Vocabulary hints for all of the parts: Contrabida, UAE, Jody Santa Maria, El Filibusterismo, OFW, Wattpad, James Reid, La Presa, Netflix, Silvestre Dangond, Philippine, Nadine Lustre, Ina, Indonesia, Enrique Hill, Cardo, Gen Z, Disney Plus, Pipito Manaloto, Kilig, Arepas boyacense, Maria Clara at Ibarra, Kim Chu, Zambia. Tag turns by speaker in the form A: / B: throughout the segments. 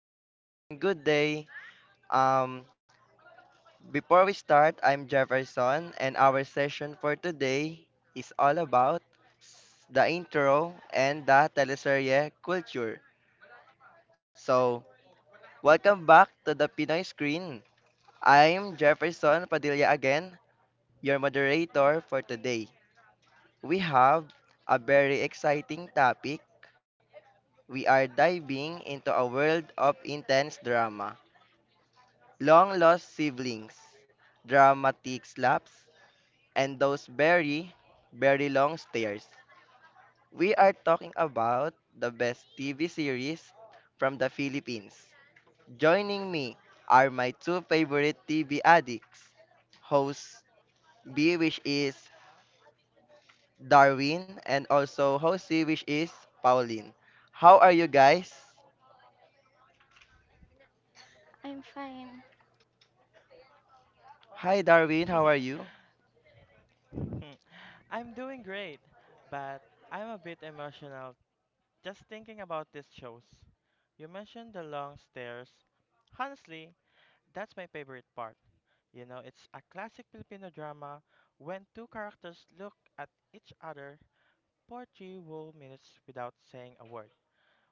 A: Hi everyone, good day. Um, Before we start, I'm Jefferson, and our session for today is all about the intro and the teleserye culture. So, welcome back to the Pinoy screen. I'm Jefferson Padilla again, your moderator for today. We have a very exciting topic. We are diving into a world of intense drama, long lost siblings, dramatic slaps, and those very, very long stares. We are talking about the best TV series from the Philippines. Joining me are my two favorite TV addicts, host B, which is Darwin, and also host C, which is Pauline. How are you guys?
B: I'm fine.
A: Hi, Darwin. How are you?
C: I'm doing great, but I'm a bit emotional just thinking about these shows. You mentioned the long stairs. Honestly, that's my favorite part. You know, it's a classic Filipino drama when two characters look at each other for 3 whole minutes without saying a word,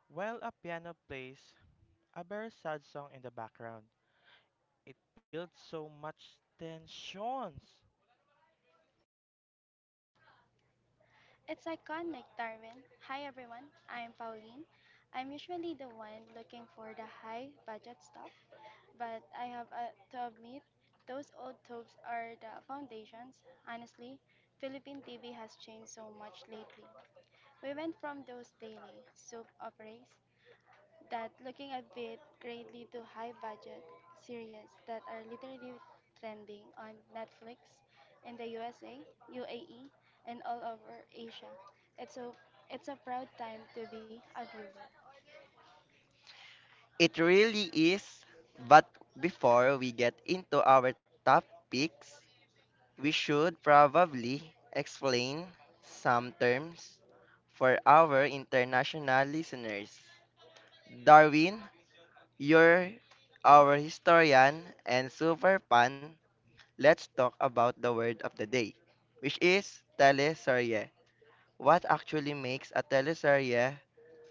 C: while a piano plays a very sad song in the background. It builds so much tensions.
B: It's iconic, Darwin. Hi, everyone. I'm Pauline. I'm usually the one looking for the high budget stuff, but I have to admit, those old tubes are the foundations. Honestly, Philippine TV has changed so much lately. We went from those daily soap operas that looking a bit greatly to high budget series that are literally trending on Netflix in the USA, UAE, and all over Asia. It's a, it's a proud time to be a viewer.
A: It really is. But before we get into our topics, we should probably explain some terms for our international listeners. Darwin, you're our historian and super fan. Let's talk about the word of the day, which is teleserye. What actually makes a teleserye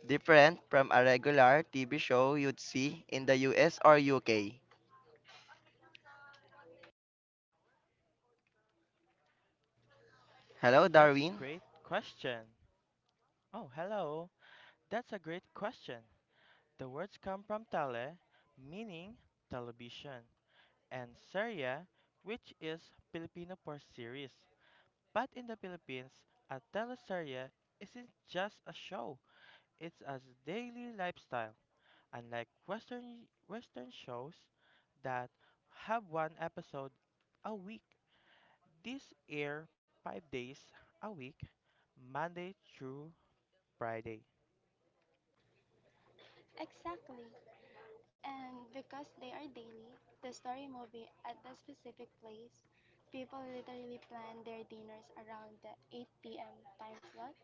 A: different from a regular TV show you'd see in the US or UK? Hello,
C: That's
A: Darwin.
C: great question. Oh, hello. That's a great question. The words come from tele, meaning television, and serie, which is Filipino for series. But in the Philippines, a teleserye isn't just a show, it's a daily lifestyle. Unlike Western shows that have one episode a week, these air 5 days a week, Monday through Friday.
B: Exactly. And because they are daily, the story movie at the specific place, people literally plan their dinners around the 8 p.m. time slot.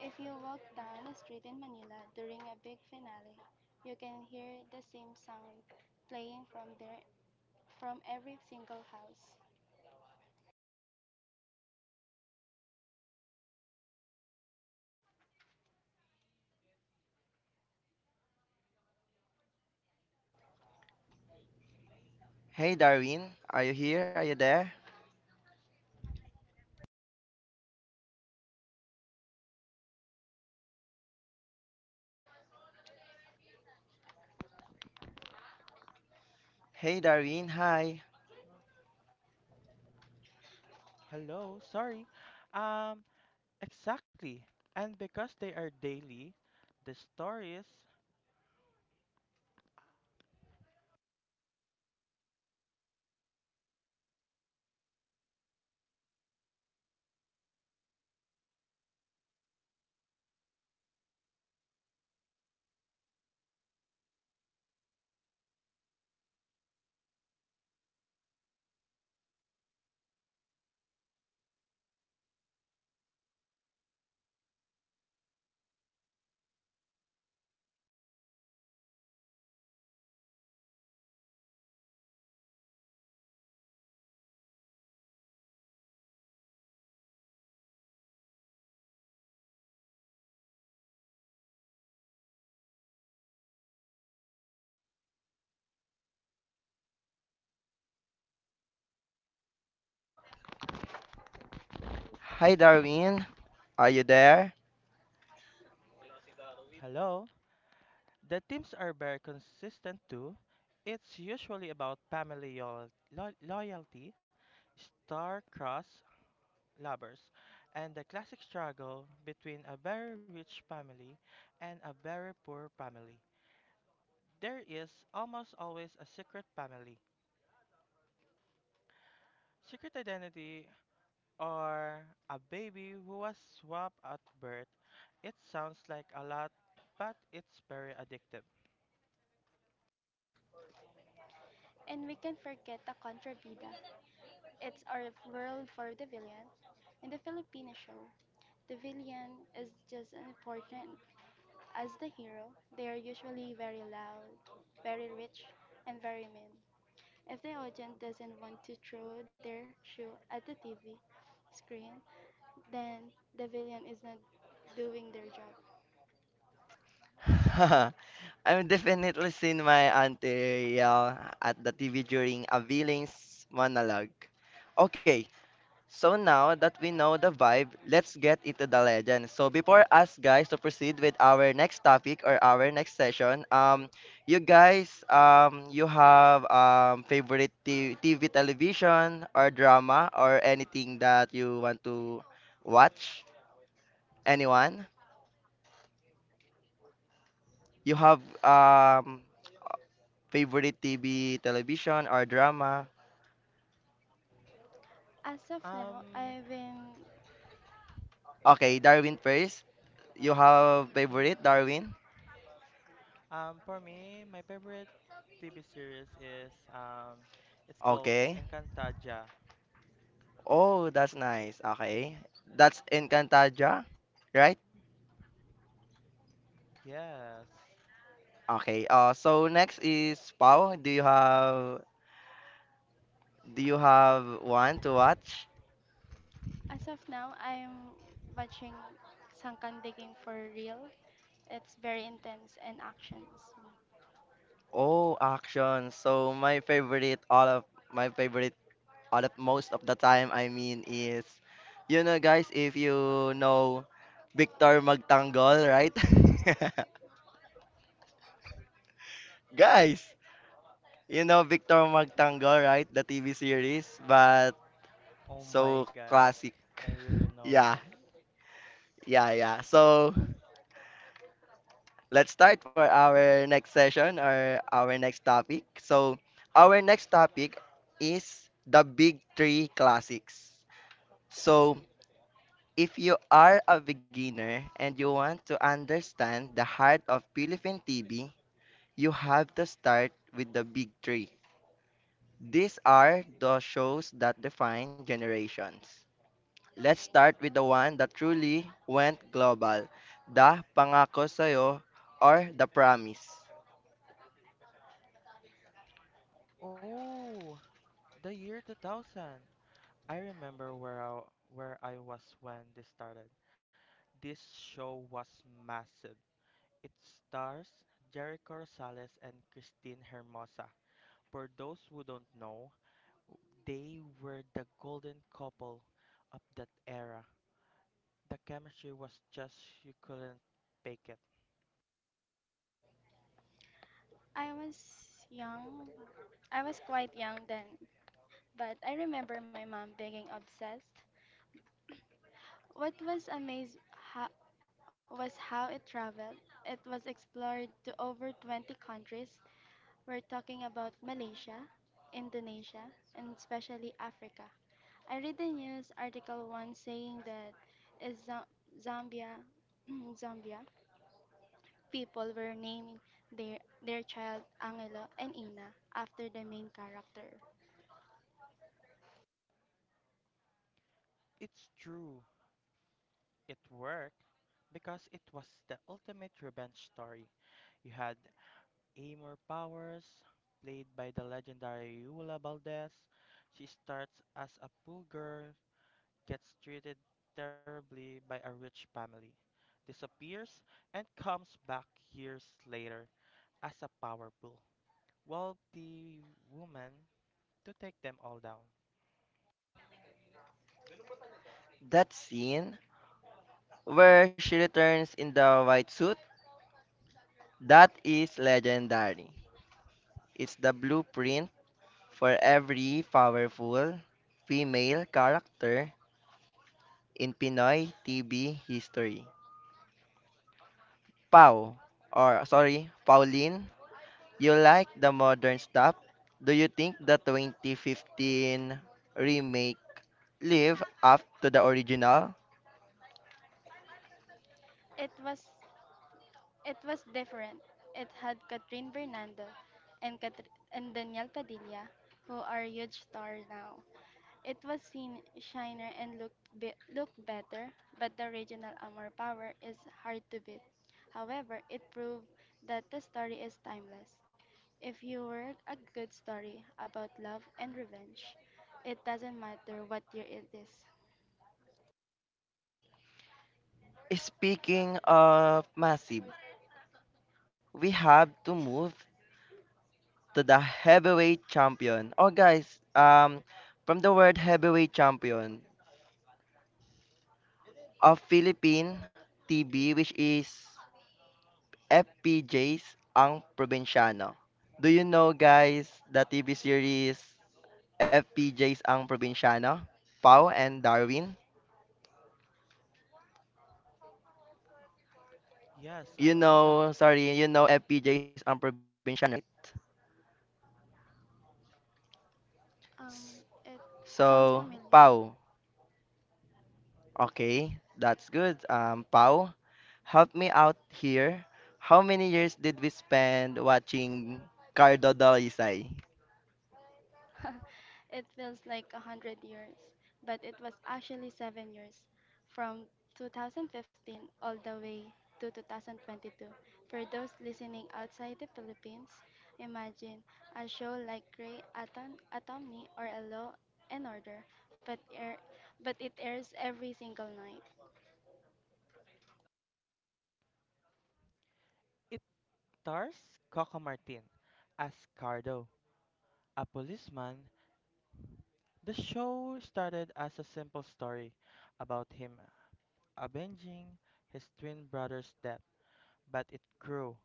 B: If you walk down a street in Manila during a big finale, you can hear the same song playing from there from every single house.
A: Hey, Darwin. Are you here? Are you there? Hey, Darwin. Hi.
C: Hello, sorry. Um, Exactly. And because they are daily, the stories,
A: Hi, Darwin. Are you there?
C: hello, the themes are very consistent too. It's usually about family loyalty, star-crossed lovers, and the classic struggle between a very rich family and a very poor family. There is almost always a secret family. Secret identity or a baby who was swapped at birth. It sounds like a lot, but it's very addictive.
B: And we can forget the Contrabida. It's our world for the villain. In the Filipino show, the villain is just as important as the hero. They are usually very loud, very rich, and very mean. If the audience doesn't want to throw their shoe at the TV screen, then the villain is not doing their job.
A: I'm definitely seen my auntie yell at the TV during a villain's monologue. Okay, so now that we know the vibe, let's get into the legend. So before us guys to proceed with our next topic or our next session, you guys, you have favorite TV television or drama or anything that you want to watch? Anyone? You have favorite TV television or drama?
B: As of now,
C: Um,
B: I've been
A: Okay, Darwin first. You have
C: mm,
A: favorite Darwin?
C: for me, my favorite TV series is it's called
A: Okay.
C: Encantaja.
A: Oh, that's nice. Okay. That's Encantadia, right?
C: Yes.
A: Okay. So next is Pau. Do you have one to watch?
B: as of now I'm watching Sankan digging for real. It's very intense and actions.
A: Oh, action. So my favorite all of my favorite all of most of the time, I mean, is you know guys if you know Victor Magtanggol, right? Guys, you know Victor Magtanggol, right? The TV series, but
C: Oh my
A: so
C: God,
A: classic.
C: I really know
A: Yeah.
C: this.
A: Yeah, yeah. So let's start for our next session or our next topic. So our next topic is the big three classics. So if you are a beginner and you want to understand the heart of Philippine TV, you have to start with the big three. These are the shows that define generations. Let's start with the one that truly went global, the Pangako Sayo or the Promise.
C: Oh, the year 2000. I remember where I was when this started. This show was massive. It stars Jericho Rosales and Christine Hermosa. For those who don't know, they were the golden couple of that era. The chemistry was just you couldn't fake it.
B: I was young. I was quite young then, but I remember my mom being obsessed. What was was how it traveled. It was explored to over 20 countries. We're talking about Malaysia, Indonesia, and especially Africa. I read the news article once saying that is Zambia, Zambia people were naming their child Angelo and Ina after the main character.
C: It's true, it worked because it was the ultimate revenge story. You had Amor Powers, played by the legendary Yula Valdez. She starts as a poor girl gets treated terribly by a rich family, disappears, and comes back years later as a power pool. Wealthy woman to take them all down.
A: That scene where she returns in the white suit, that is legendary. It's the blueprint for every powerful female character in Pinoy TV history. Pau, or sorry, Pauline, you like the modern stuff? Do you think the 2015 remake live up to the original?
B: It was it was different. It had Catherine Bernardo and and Daniel Padilla, who are huge stars now. It was seen shiner and looked looked better, but the original Amor Power is hard to beat. However, it proved that the story is timeless. If you work a good story about love and revenge, it doesn't matter what year it is.
A: Speaking of massive, we have to move to the heavyweight champion. Oh guys, from the word heavyweight champion of Philippine TV which is FPJs ang Provinciano. Do you know guys the TV series FPJs ang probinsyano, Pau and Darwin.
C: Yes, I
A: You
C: know that
A: know, sorry, you know FPJs ang probinsyano, right? S-
B: Um, it sounds
A: So,
B: familiar.
A: Pau. Okay, that's good. Pau, help me out here. How many years did we spend watching Cardo Dalisay?
B: It feels like a hundred years, but it was actually 7 years, from 2015 all the way to 2022. For those listening outside the Philippines, imagine a show like Atomy or A Law and Order, but air, but it airs every single night.
C: it stars Coco Martin as Cardo, a policeman. The show started as a simple story about him avenging his twin brother's death, but it grew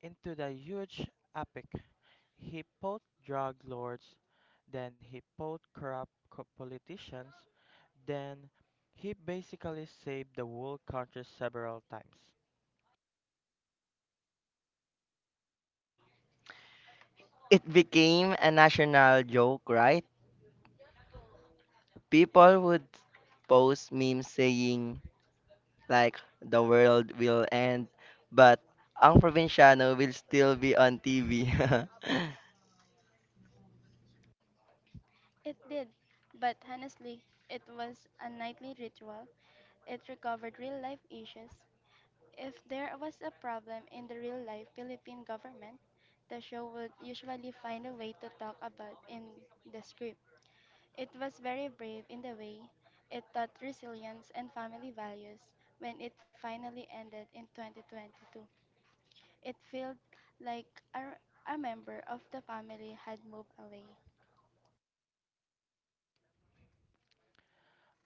C: into the huge epic. He fought drug lords, then he fought corrupt politicians, then he basically saved the whole country several times.
A: It became a national joke, right? People would post memes saying, like the world will end, but ang probinsyano will still be on TV.
B: It did, but honestly, it was a nightly ritual. It recovered real life issues. If there was a problem in the real life Philippine government, the show would usually find a way to talk about in the script. It was very brave in the way it taught resilience and family values when it finally ended in 2022. It felt like a, a member of the family had moved away.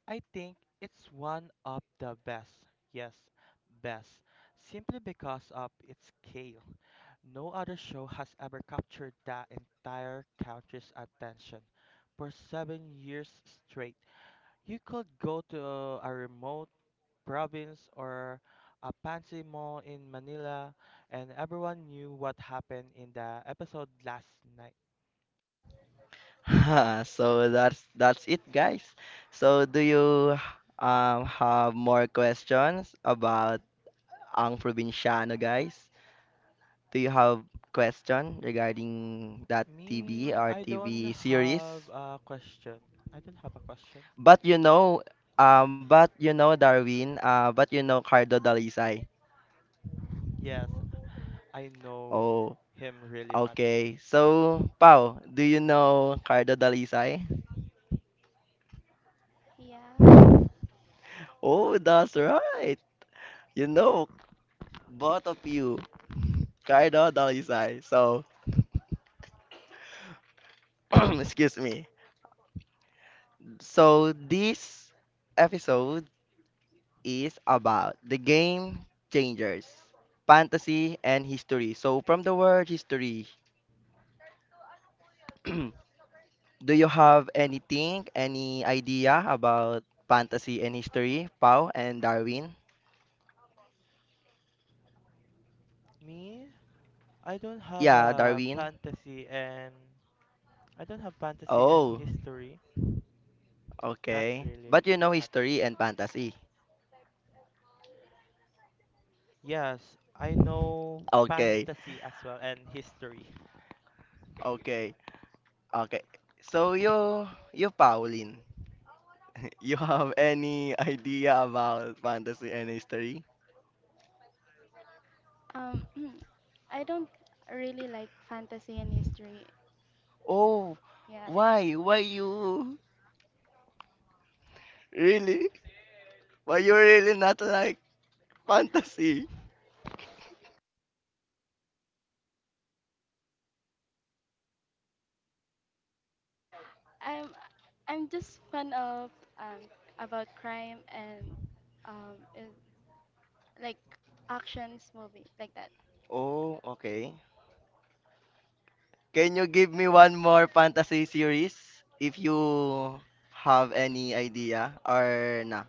C: I think it's one of the best, yes, best, simply because of its scale. No other show has ever captured the entire country's attention for 7 years straight. You could go to a remote province or a fancy mall in Manila, and everyone knew what happened in the episode last night.
A: Ha, so that's it, guys. So do you have more questions about ang probinsyano, guys? Do you have question regarding that TV
C: Me,
A: or
C: I don't
A: TV series?
C: have a question. I don't have a question.
A: But you know, but you know Darwin, but you know Cardo Dalisay.
C: Yes, I know
A: Oh.
C: him really much.
A: Okay, so Pau, do you know Cardo Dalisay?
B: Yeah.
A: Oh, that's right. You know both of you, Cardo Dalisay. So, excuse me. So this episode is about the game changers, fantasy and history. So from the word history, do you have anything, any idea about fantasy and history, Pau and Darwin?
C: Me, I don't have
A: Yeah,
C: a
A: Darwin.
C: fantasy and I don't have fantasy and
A: Oh.
C: history. Not
A: Okay.
C: really
A: But you know
C: much.
A: history and fantasy.
C: Yes, I know
A: Okay.
C: fantasy as well and history.
A: Okay. Okay. So you Pauline, you have any idea about fantasy and history?
B: Um I don't really like fantasy and history.
A: Oh,
B: Yeah.
A: why? Why you really? Why you really not like fantasy?
B: I'm I'm just fan of about crime and um and, like actions movie like that.
A: Oh, okay. Can you give me one more fantasy series if you have any idea or nah?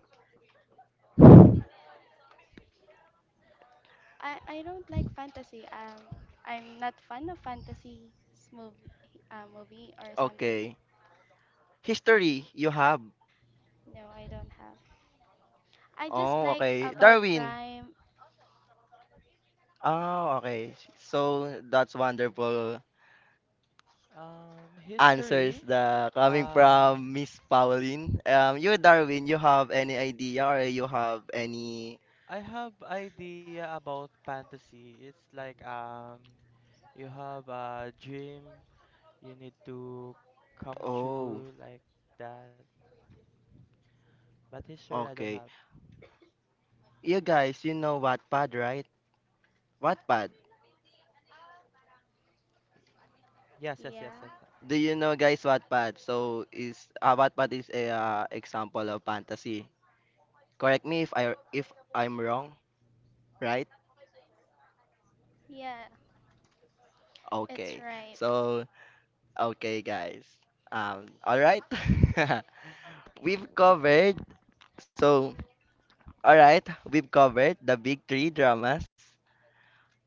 B: I don't like fantasy. I'm not fan of fantasy movie movie or something.
A: Okay. History you have.
B: No, I don't have. I just
A: Oh,
B: like
A: okay.
B: about
A: Darwin.
B: crime.
A: Oh, okay. So that's wonderful
C: Um,
A: answers
C: history
A: the coming
C: Um,
A: from Miss Pauline. You Darwin, you have any idea or you have any?
C: I have idea about fantasy. It's like you have a dream you need to come
A: Oh,
C: true like that. But history, I don't
A: okay.
C: have.
A: You guys, you know Wattpad, right? Wattpad.
C: Yes, yes, yes,
B: Yeah,
C: yes.
A: Do you know guys Wattpad? So is Wattpad is a example of fantasy. Correct me if I if I'm wrong, right?
B: yeah, it's
A: Okay.
B: right.
A: So okay, guys. All right. We've covered, so, alright, we've covered the big three dramas,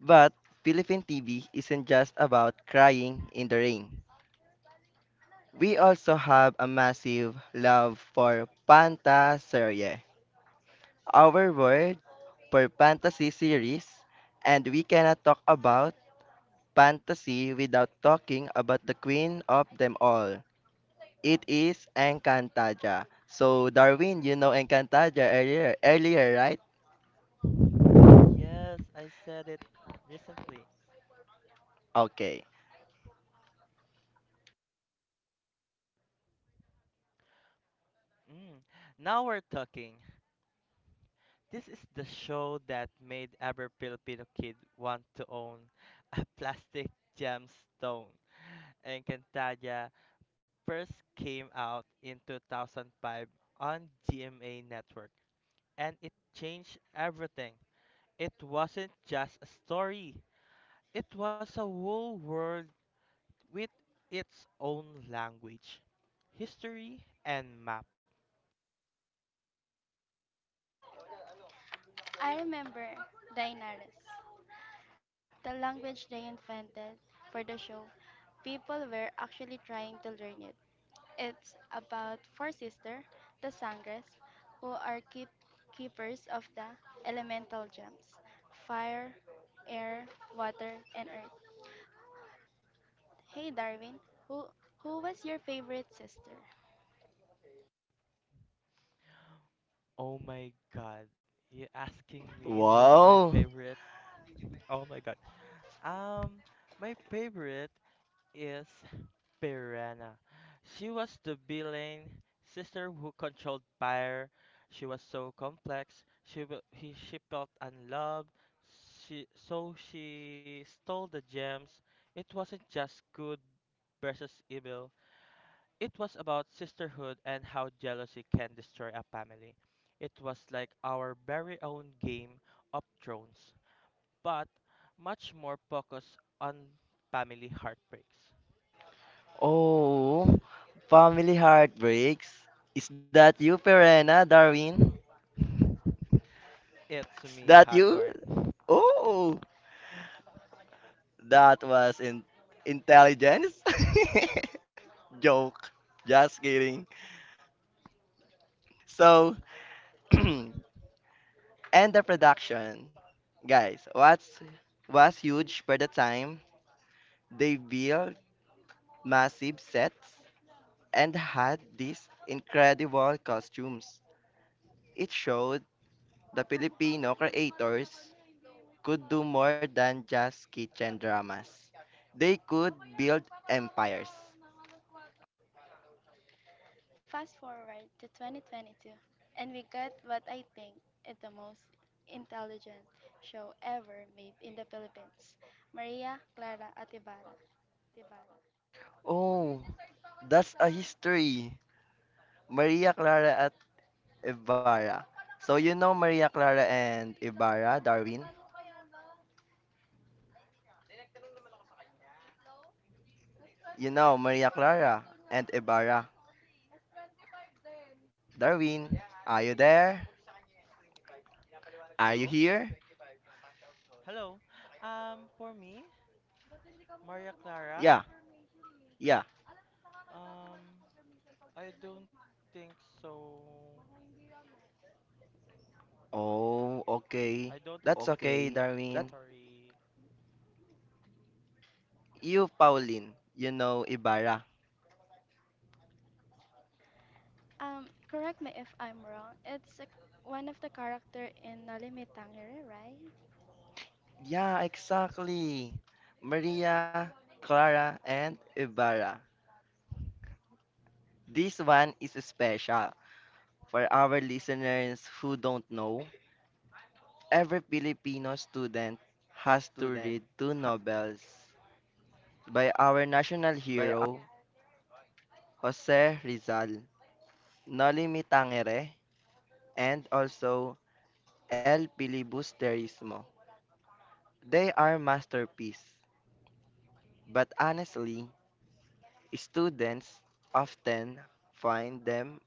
A: but Philippine TV isn't just about crying in the rain. We also have a massive love for Panta Serie, our word for fantasy series, and we cannot talk about fantasy without talking about the queen of them all. It is Encantaja. So, Darwin, you know Encantaja earlier, right?
C: Yes, I said it recently.
A: Okay.
C: Mm. Now we're talking. This is the show that made every Filipino kid want to own a plastic gemstone. Encantadia first came out in 2005 on GMA Network, and it changed everything. It wasn't just a story, it was a whole world with its own language, history, and map.
B: I remember Daenerys. The language they invented for the show, people were actually trying to learn it. It's about four sisters, the Sangres, who are keepers of the elemental gems, fire, air, water, and earth. Hey Darwin, who, who was your favorite sister?
C: Oh my god, you asking me what's my
A: Wow.
C: favorite? Oh my god. Um, my favorite is Piranha. She was the villain sister who controlled fire. She was so complex. She felt unloved. She stole the gems. It wasn't just good versus evil. It was about sisterhood and how jealousy can destroy a family. It was like our very own game of thrones, but much more focused on family heartbreaks.
A: Oh, family heartbreaks. Is that you, Perena, Darwin?
C: It's
A: Is
C: me,
A: that you?
C: Hagorn.
A: Oh, that was in intelligence. Joke. Just kidding. So, and the production. Guys, what's was huge for the time. They built massive sets and had these incredible costumes. It showed the Filipino creators could do more than just kitchen dramas. They could build empires.
B: Fast forward to 2022, and we got what I think is the most intelligent show ever made in the Philippines, Maria Clara Atibara.
C: Divana.
A: Oh, that's a history. Maria Clara at Ibarra. So you know Maria Clara and Ibarra, Darwin? You know Maria Clara and Ibarra, Darwin. Are you there?
C: Hello?
A: Are you here?
C: Hello. For me, Maria Clara,
A: Yeah, yeah.
C: um, I don't think so. I don't.
A: Oh, okay.
C: Okay, that's
A: That's okay,
C: Sorry.
A: Darwin. You, Pauline, you know Ibarra.
B: Correct me if I'm wrong. It's a, one of the character in Nolimi Tangere, right?
A: Yeah, exactly. Maria, Clara, and Ibarra. This one is special for our listeners who don't know. Every Filipino student
C: ha-
A: has to read two novels by our national hero, Jose Rizal, Nolimi Tangere, and also El Filibusterismo. They are masterpiece, but honestly, students often find them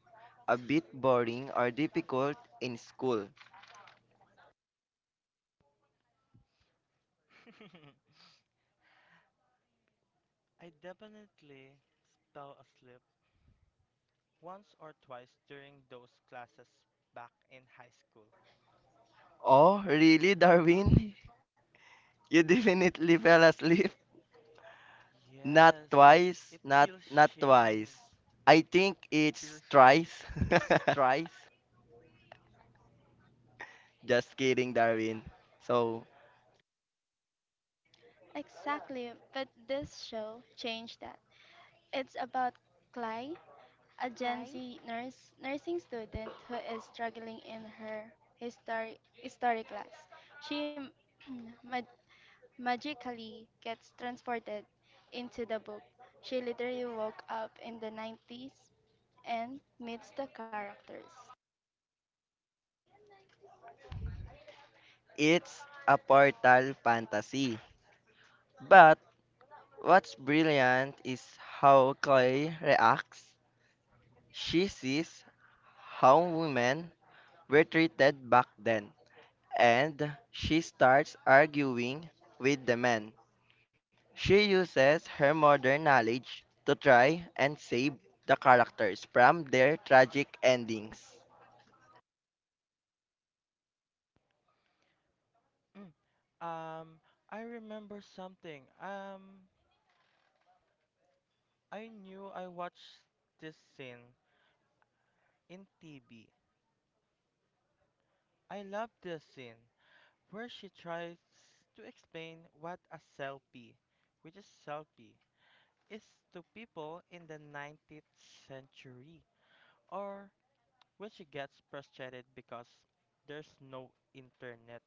A: a bit boring or difficult in school.
C: I definitely fell asleep once or twice during those classes back in high school.
A: Oh, really, Darwin? You definitely fell asleep?
C: Yes, it
A: Not
C: feels
A: twice,
C: shame.
A: not twice. I
C: Feels
A: think
C: shame. It's
A: it's
C: thrice.
A: thrice. Just kidding, Darwin. So,
B: Exactly, but this show changed that. It's about
C: Clyde.
B: Clay, a Gen Z nurse nursing student who is struggling in her history class. She ma- magically gets transported into the book. She literally woke up in the 90s and meets the characters.
A: it's a portal fantasy. But what's brilliant is how Chloe reacts. She sees how women were treated back then, and she starts arguing with the man. She uses her modern knowledge to try and save the characters from their tragic endings.
C: Um, I remember something. I knew I watched this scene in TV. I love this scene where she tries to explain what a selfie, which is selfie, is to people in the 19th century, or when she gets frustrated because there's no internet.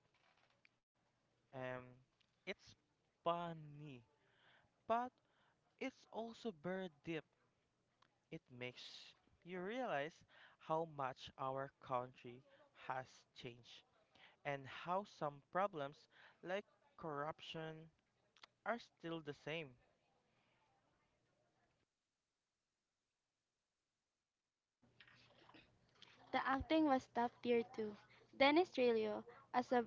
C: Um, it's funny, but it's also very deep. It makes you realize how much our country has changed and how some problems like corruption are still the same.
B: The acting was top tier too. Dennis Trillo as a,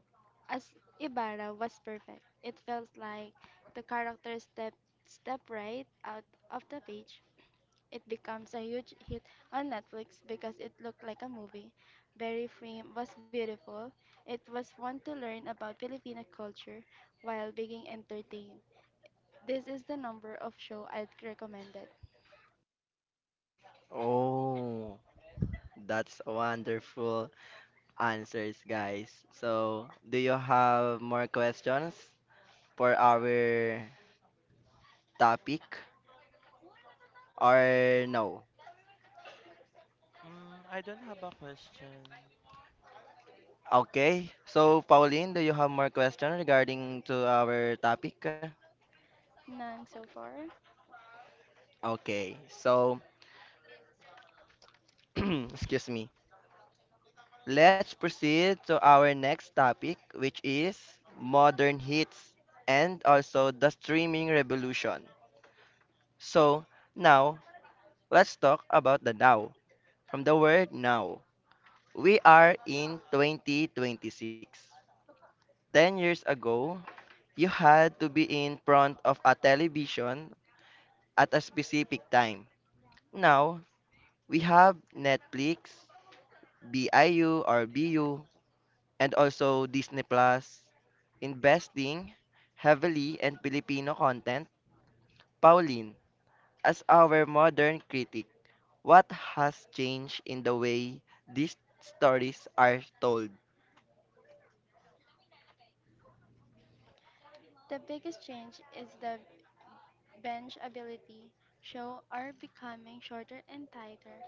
B: as Ibarra was perfect. It felt like the character step right out of the page. It becomes a huge hit on Netflix because it looked like a movie. Very frame was beautiful. It was fun to learn about Filipino culture while being entertained. This is the number of show I'd recommended.
A: Oh, that's wonderful answers, guys. So, do you have more questions for our topic or no?
C: Mm, I don't have a question.
A: Okay. So, Pauline, do you have more questions regarding to our topic?
B: None so far.
A: Okay, so excuse me. Let's proceed to our next topic, which is modern hits and also the streaming revolution. So now, let's talk about the now. From the word now, we are in 2026. 10 years ago, you had to be in front of a television at a specific time. Now, we have Netflix, BIU or BU, and also Disney Plus, investing heavily in Filipino content. Pauline, as our modern critic, what has changed in the way these stories are told?
B: The biggest change is the bench ability show are becoming shorter and tighter.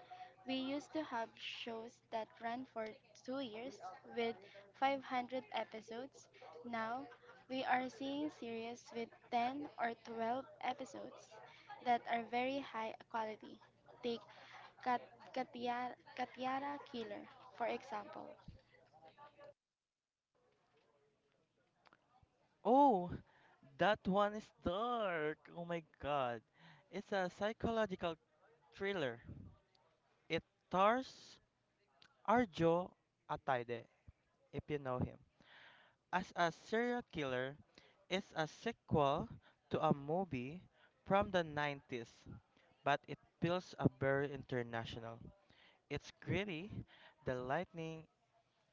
B: We used to have shows that ran for 2 years with 500 episodes. Now, we are seeing series with 10 or 12 episodes that are very high quality. Take Kat- Katiara Killer, for example.
C: Oh, that one is dark. Oh my god. It's a psychological thriller. It stars Arjo Ataide, if you know him. As a Serial Killer is a sequel to a movie from the 90s, but it feels a very international. It's gritty, the lightning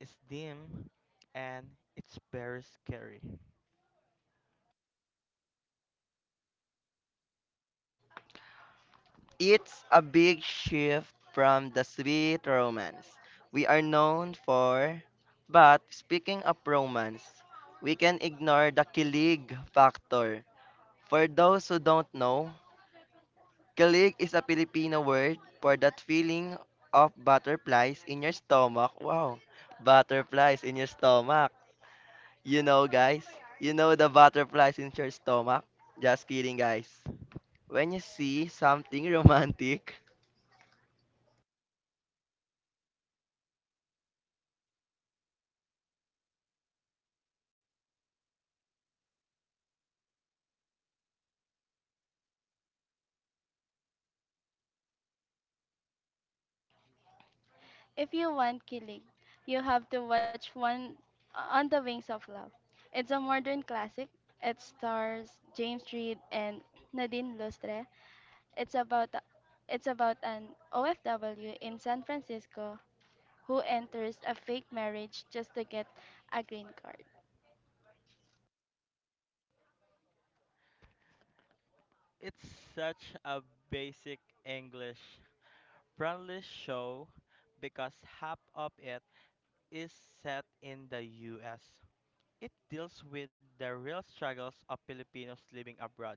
C: is dim, and it's very scary.
A: It's a big shift from the sweet romance we are known for. But speaking of romance, we can ignore the kilig factor. For those who don't know, Kilig is a Filipino word for that feeling of butterflies in your stomach. Wow, butterflies in your stomach. You know, guys, you know the butterflies in your stomach. Just kidding, guys. When you see something romantic,
B: If you want Kilig, you have to watch one on the Wings of Love. It's a modern classic. It stars James Reid and Nadine Lustre. It's about it's about an OFW in San Francisco who enters a fake marriage just to get a green card.
C: It's such a basic English friendly show because half of it is set in the US. It deals with the real struggles of Filipinos living abroad,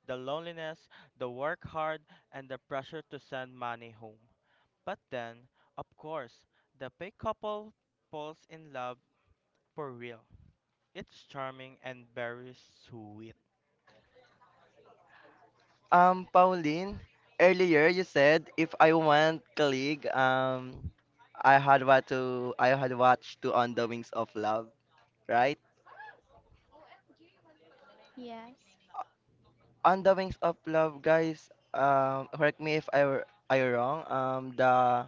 C: the loneliness, the work hard, and the pressure to send money home. But then, of course, the big couple falls in love for real. It's charming and very sweet.
A: Pauline, earlier you said if I want kilig, I had watched to On the Wings of Love, right?
B: Yes.
A: On the Wings of Love, guys, correct me if I were wrong, the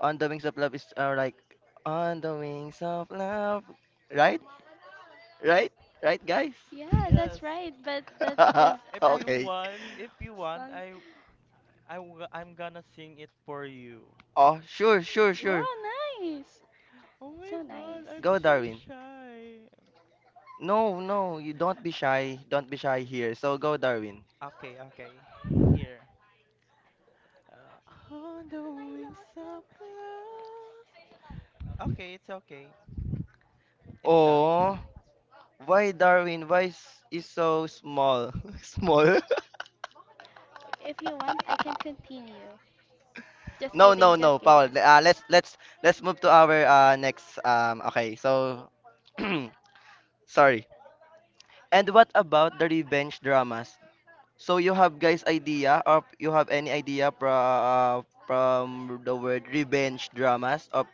A: On the Wings of Love is like On the Wings of Love, right, right, right, guys.
B: Yeah, that's
C: Yes,
B: right. But that is as
A: Okay.
C: if you want,
B: song.
C: I, w- I'm gonna sing it for you.
A: Oh, sure, sure,
B: Wow,
A: sure.
B: nice.
C: Oh
B: So
C: my god,
B: nice.
C: I'm
A: Go,
C: so
A: Darwin.
C: shy.
A: No, no, you don't be
C: Uh,
A: shy, don't be shy here, so go, Darwin.
C: okay, okay, here. On the wings of love. Okay. It's done.
A: Oh, why, Darwin? Why is so small, small.
B: If you want, I can continue. Just
A: No, no,
B: kidding,
A: no,
B: just
A: Paul.
B: kidding.
A: Let's move to our next. Okay, so sorry. And what about the revenge dramas? So you have guys idea or you have any idea from the word revenge dramas of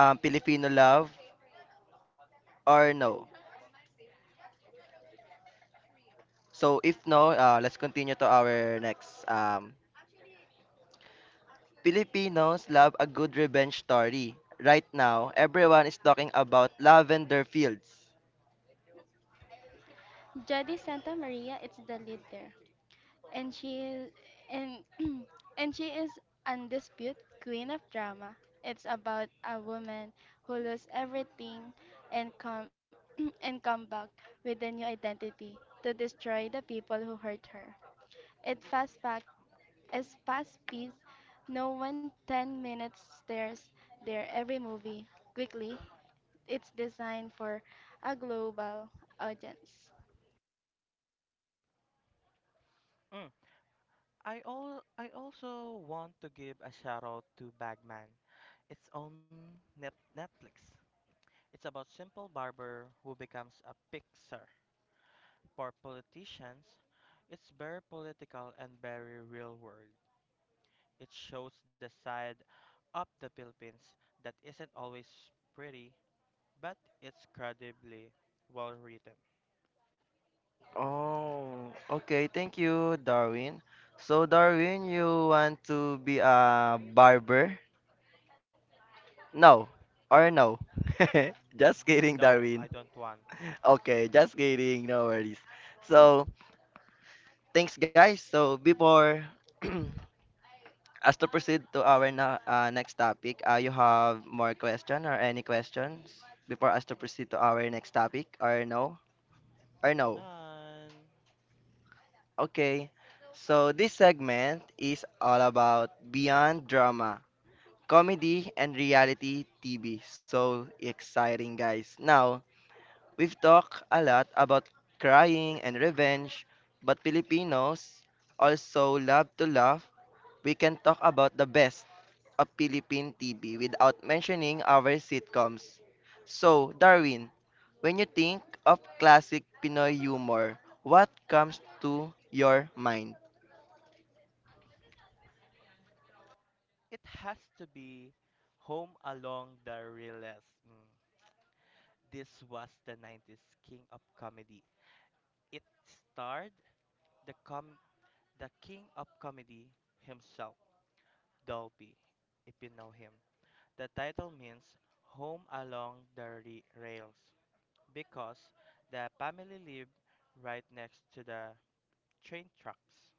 A: Filipino love or no? So if no, let's continue to our next. Filipinos love a good revenge story. Right now, everyone is talking about Lavender Fields.
B: Jody Santa Maria is the leader, and she is and and she is undisputed queen of drama. It's about a woman who loses everything and come and come back with a new identity to destroy the people who hurt her. It fast back is fast paced. No 1 10 minutes stares there every movie. Quickly, it's designed for a global audience.
C: Mm. I also want to give a shout out to Bagman. It's on Netflix. It's about simple barber who becomes a pixar for politicians. It's very political and very real world. It shows the side of the Philippines that isn't always pretty, but it's credibly well written.
A: Oh, okay. Thank you, Darwin. So, Darwin, you want to be a barber? No, or no? Just kidding,
C: No,
A: Darwin.
C: I don't want
A: Okay, just kidding. No worries. So, thanks, guys. So, before us to proceed to our na next topic, you have more question or any questions before us to proceed to our next topic, or no, or no?
C: none.
A: Okay, so this segment is all about beyond drama, comedy, and reality TV. So exciting, guys. Now, we've talked a lot about crying and revenge, but Filipinos also love to laugh. We can talk about the best of Philippine TV without mentioning our sitcoms. So, Darwin, when you think of classic Pinoy humor, what comes to your mind?
C: It has to be Home Along the Realest. Mm. This was the 90s king of comedy. It starred the com the king of comedy himself, Dolby, if you know him. The title means Home Along the Rails because the family lived right next to the train tracks.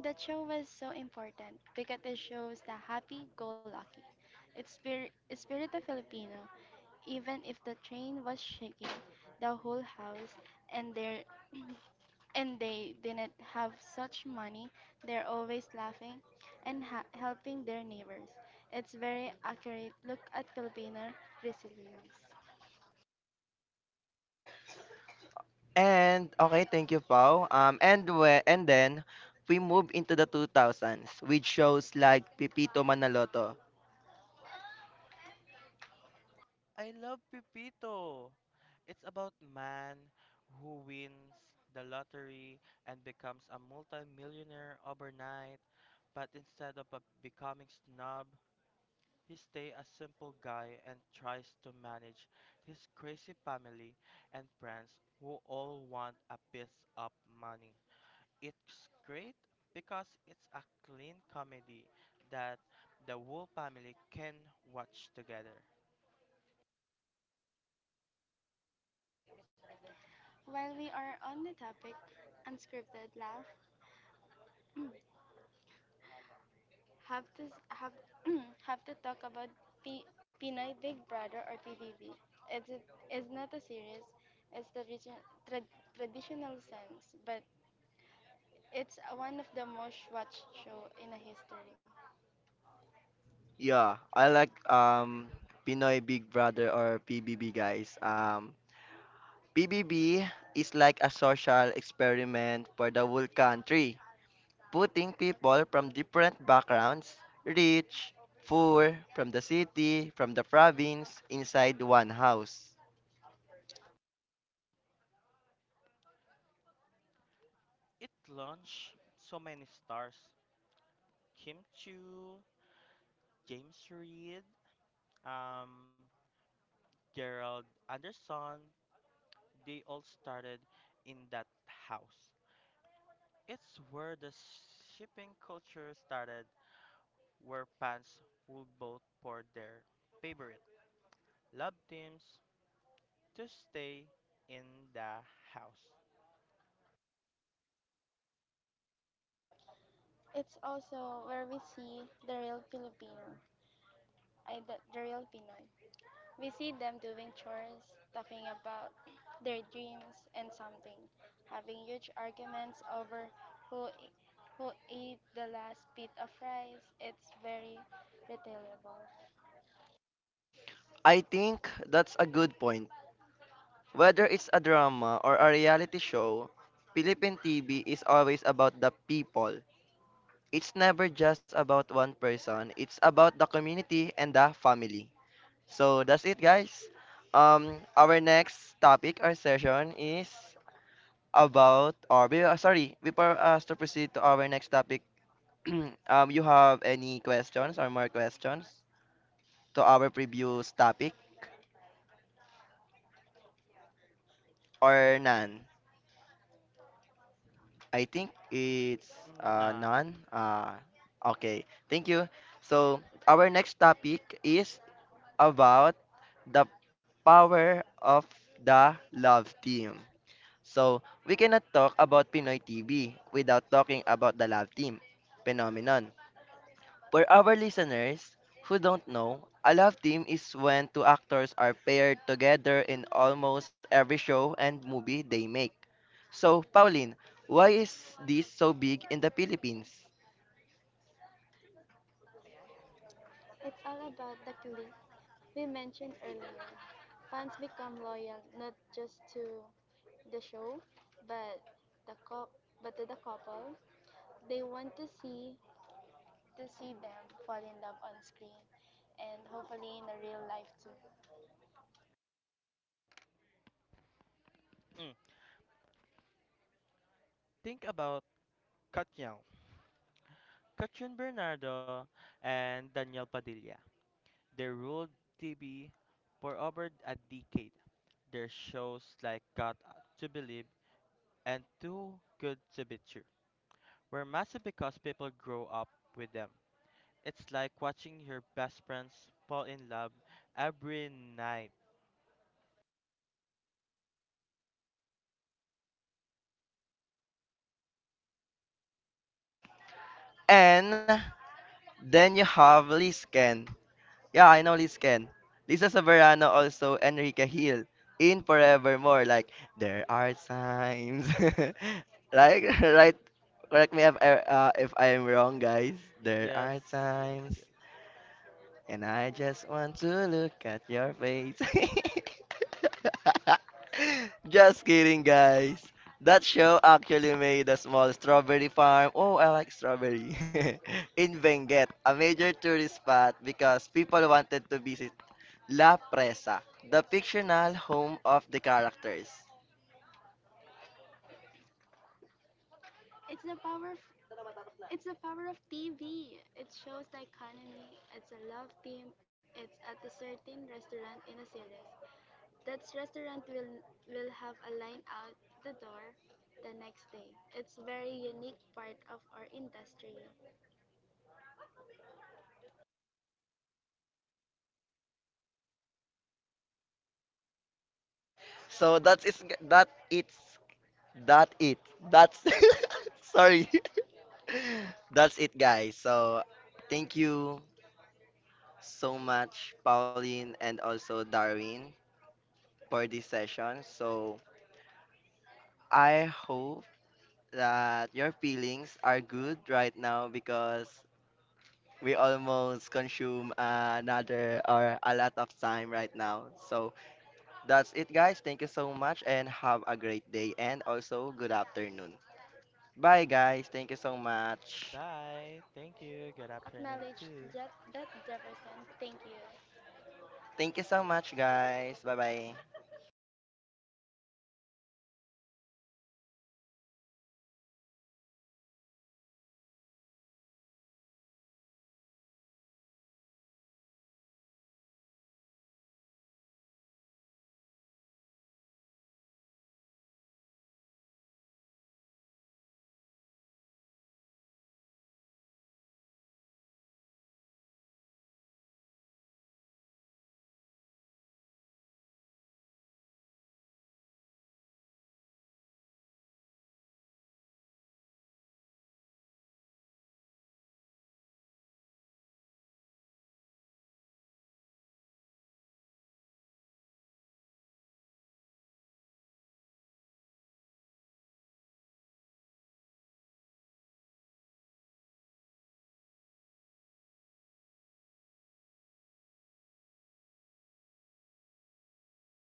B: That show was so important because it shows the happy go lucky spirit of Filipino. Even if the train was shaking, the whole house and their and they didn't have such money, they're always laughing and helping their neighbors. It's very accurate look at Filipino resilience.
A: And okay, thank you, Pao. And then we move into the 2000s with shows like Pipito Manaloto.
C: I love Pipito. It's about man who wins the lottery and becomes a multimillionaire overnight, but instead of a- becoming snob, he stay a simple guy and tries to manage his crazy family and friends who all want a piece of money. It's great because it's a clean comedy that the whole family can watch together.
B: While we are on the topic, unscripted laugh, have have to talk about Pinay Big Brother or PBB. It's a, it's not a series, it's the region, tra- traditional sense, but it's a- one of the most watched show in a history.
A: Yeah, I like Pinoy Big Brother or PBB guys. PBB is like a social experiment for the whole country, putting people from different backgrounds, rich, poor, from the city, from the province, inside one house.
C: It launched so many stars: Kim Chu, James Reed, um, Gerald Anderson. They all started in that house. It's where the shipping culture started, where fans would vote for their favorite love teams to stay in the house.
B: It's also where we see the real Filipino, the real Pinoy. We see them doing chores, talking about their dreams and something, having huge arguments over who e, who ate the last bit of rice. It's very relatable.
A: I think that's a good point. Whether it's a drama or a reality show, Philippine TV is always about the people. It's never just about one person, it's about the community and the family. So that's it, guys. Our next topic or session is about, or sorry, before us to proceed to our next topic, you have any questions or more questions to our previous topic or none? I think it's
C: None.
A: none. Okay, thank you. So our next topic is about the power of the love team. So we cannot talk about Pinoy TV without talking about the love team phenomenon. For our listeners who don't know, a love team is when two actors are paired together in almost every show and movie they make. So, Pauline, why is this so big in the Philippines?
B: It's all about the clique we mentioned earlier. Fans become loyal not just to the show, but the cou- but to the couple. They want to see to see them fall in love on screen and hopefully in a real life too.
C: Mm. Think about Katyan, Katyan Bernardo, and Daniel Padilla. They ruled TV for over a decade. Their shows like Got to Believe and Too Good to Be True were massive because people grow up with them. It's like watching your best friends fall in love every night.
A: And then you have Liz Ken. Yeah, I know Liz Ken. Lisa Soberano also Enrique Hill in Forevermore. Like, there are times. Like, right? Correct me if, if I'm wrong, guys. There
C: Yes,
A: are
C: yes,
A: times.
C: yes.
A: And I just want to look at your face. Just kidding, guys. That show actually made a small strawberry farm. Oh, I like strawberry. in Benguet, a major tourist spot because people wanted to visit La Presa, the fictional home of the characters.
B: It's the power of it's the power of TV. It shows the economy. It's a love team. It's at a certain restaurant in a series. That restaurant will have a line out the door the next day. It's very unique part of our industry.
A: So that's that it's it. That's sorry. That's it, guys. So, thank you so much, Pauline and also Darwin, for this session. So I hope that your feelings are good right now because we almost consume another or a lot of time right now. So that's it, guys. Thank you so much and have a great day and also good afternoon. Bye, guys. Thank you so much.
C: Bye. Thank you. Good afternoon,
B: Acknowledge
C: too.
B: that Jefferson. Thank you.
A: Thank you so much, guys. Bye bye.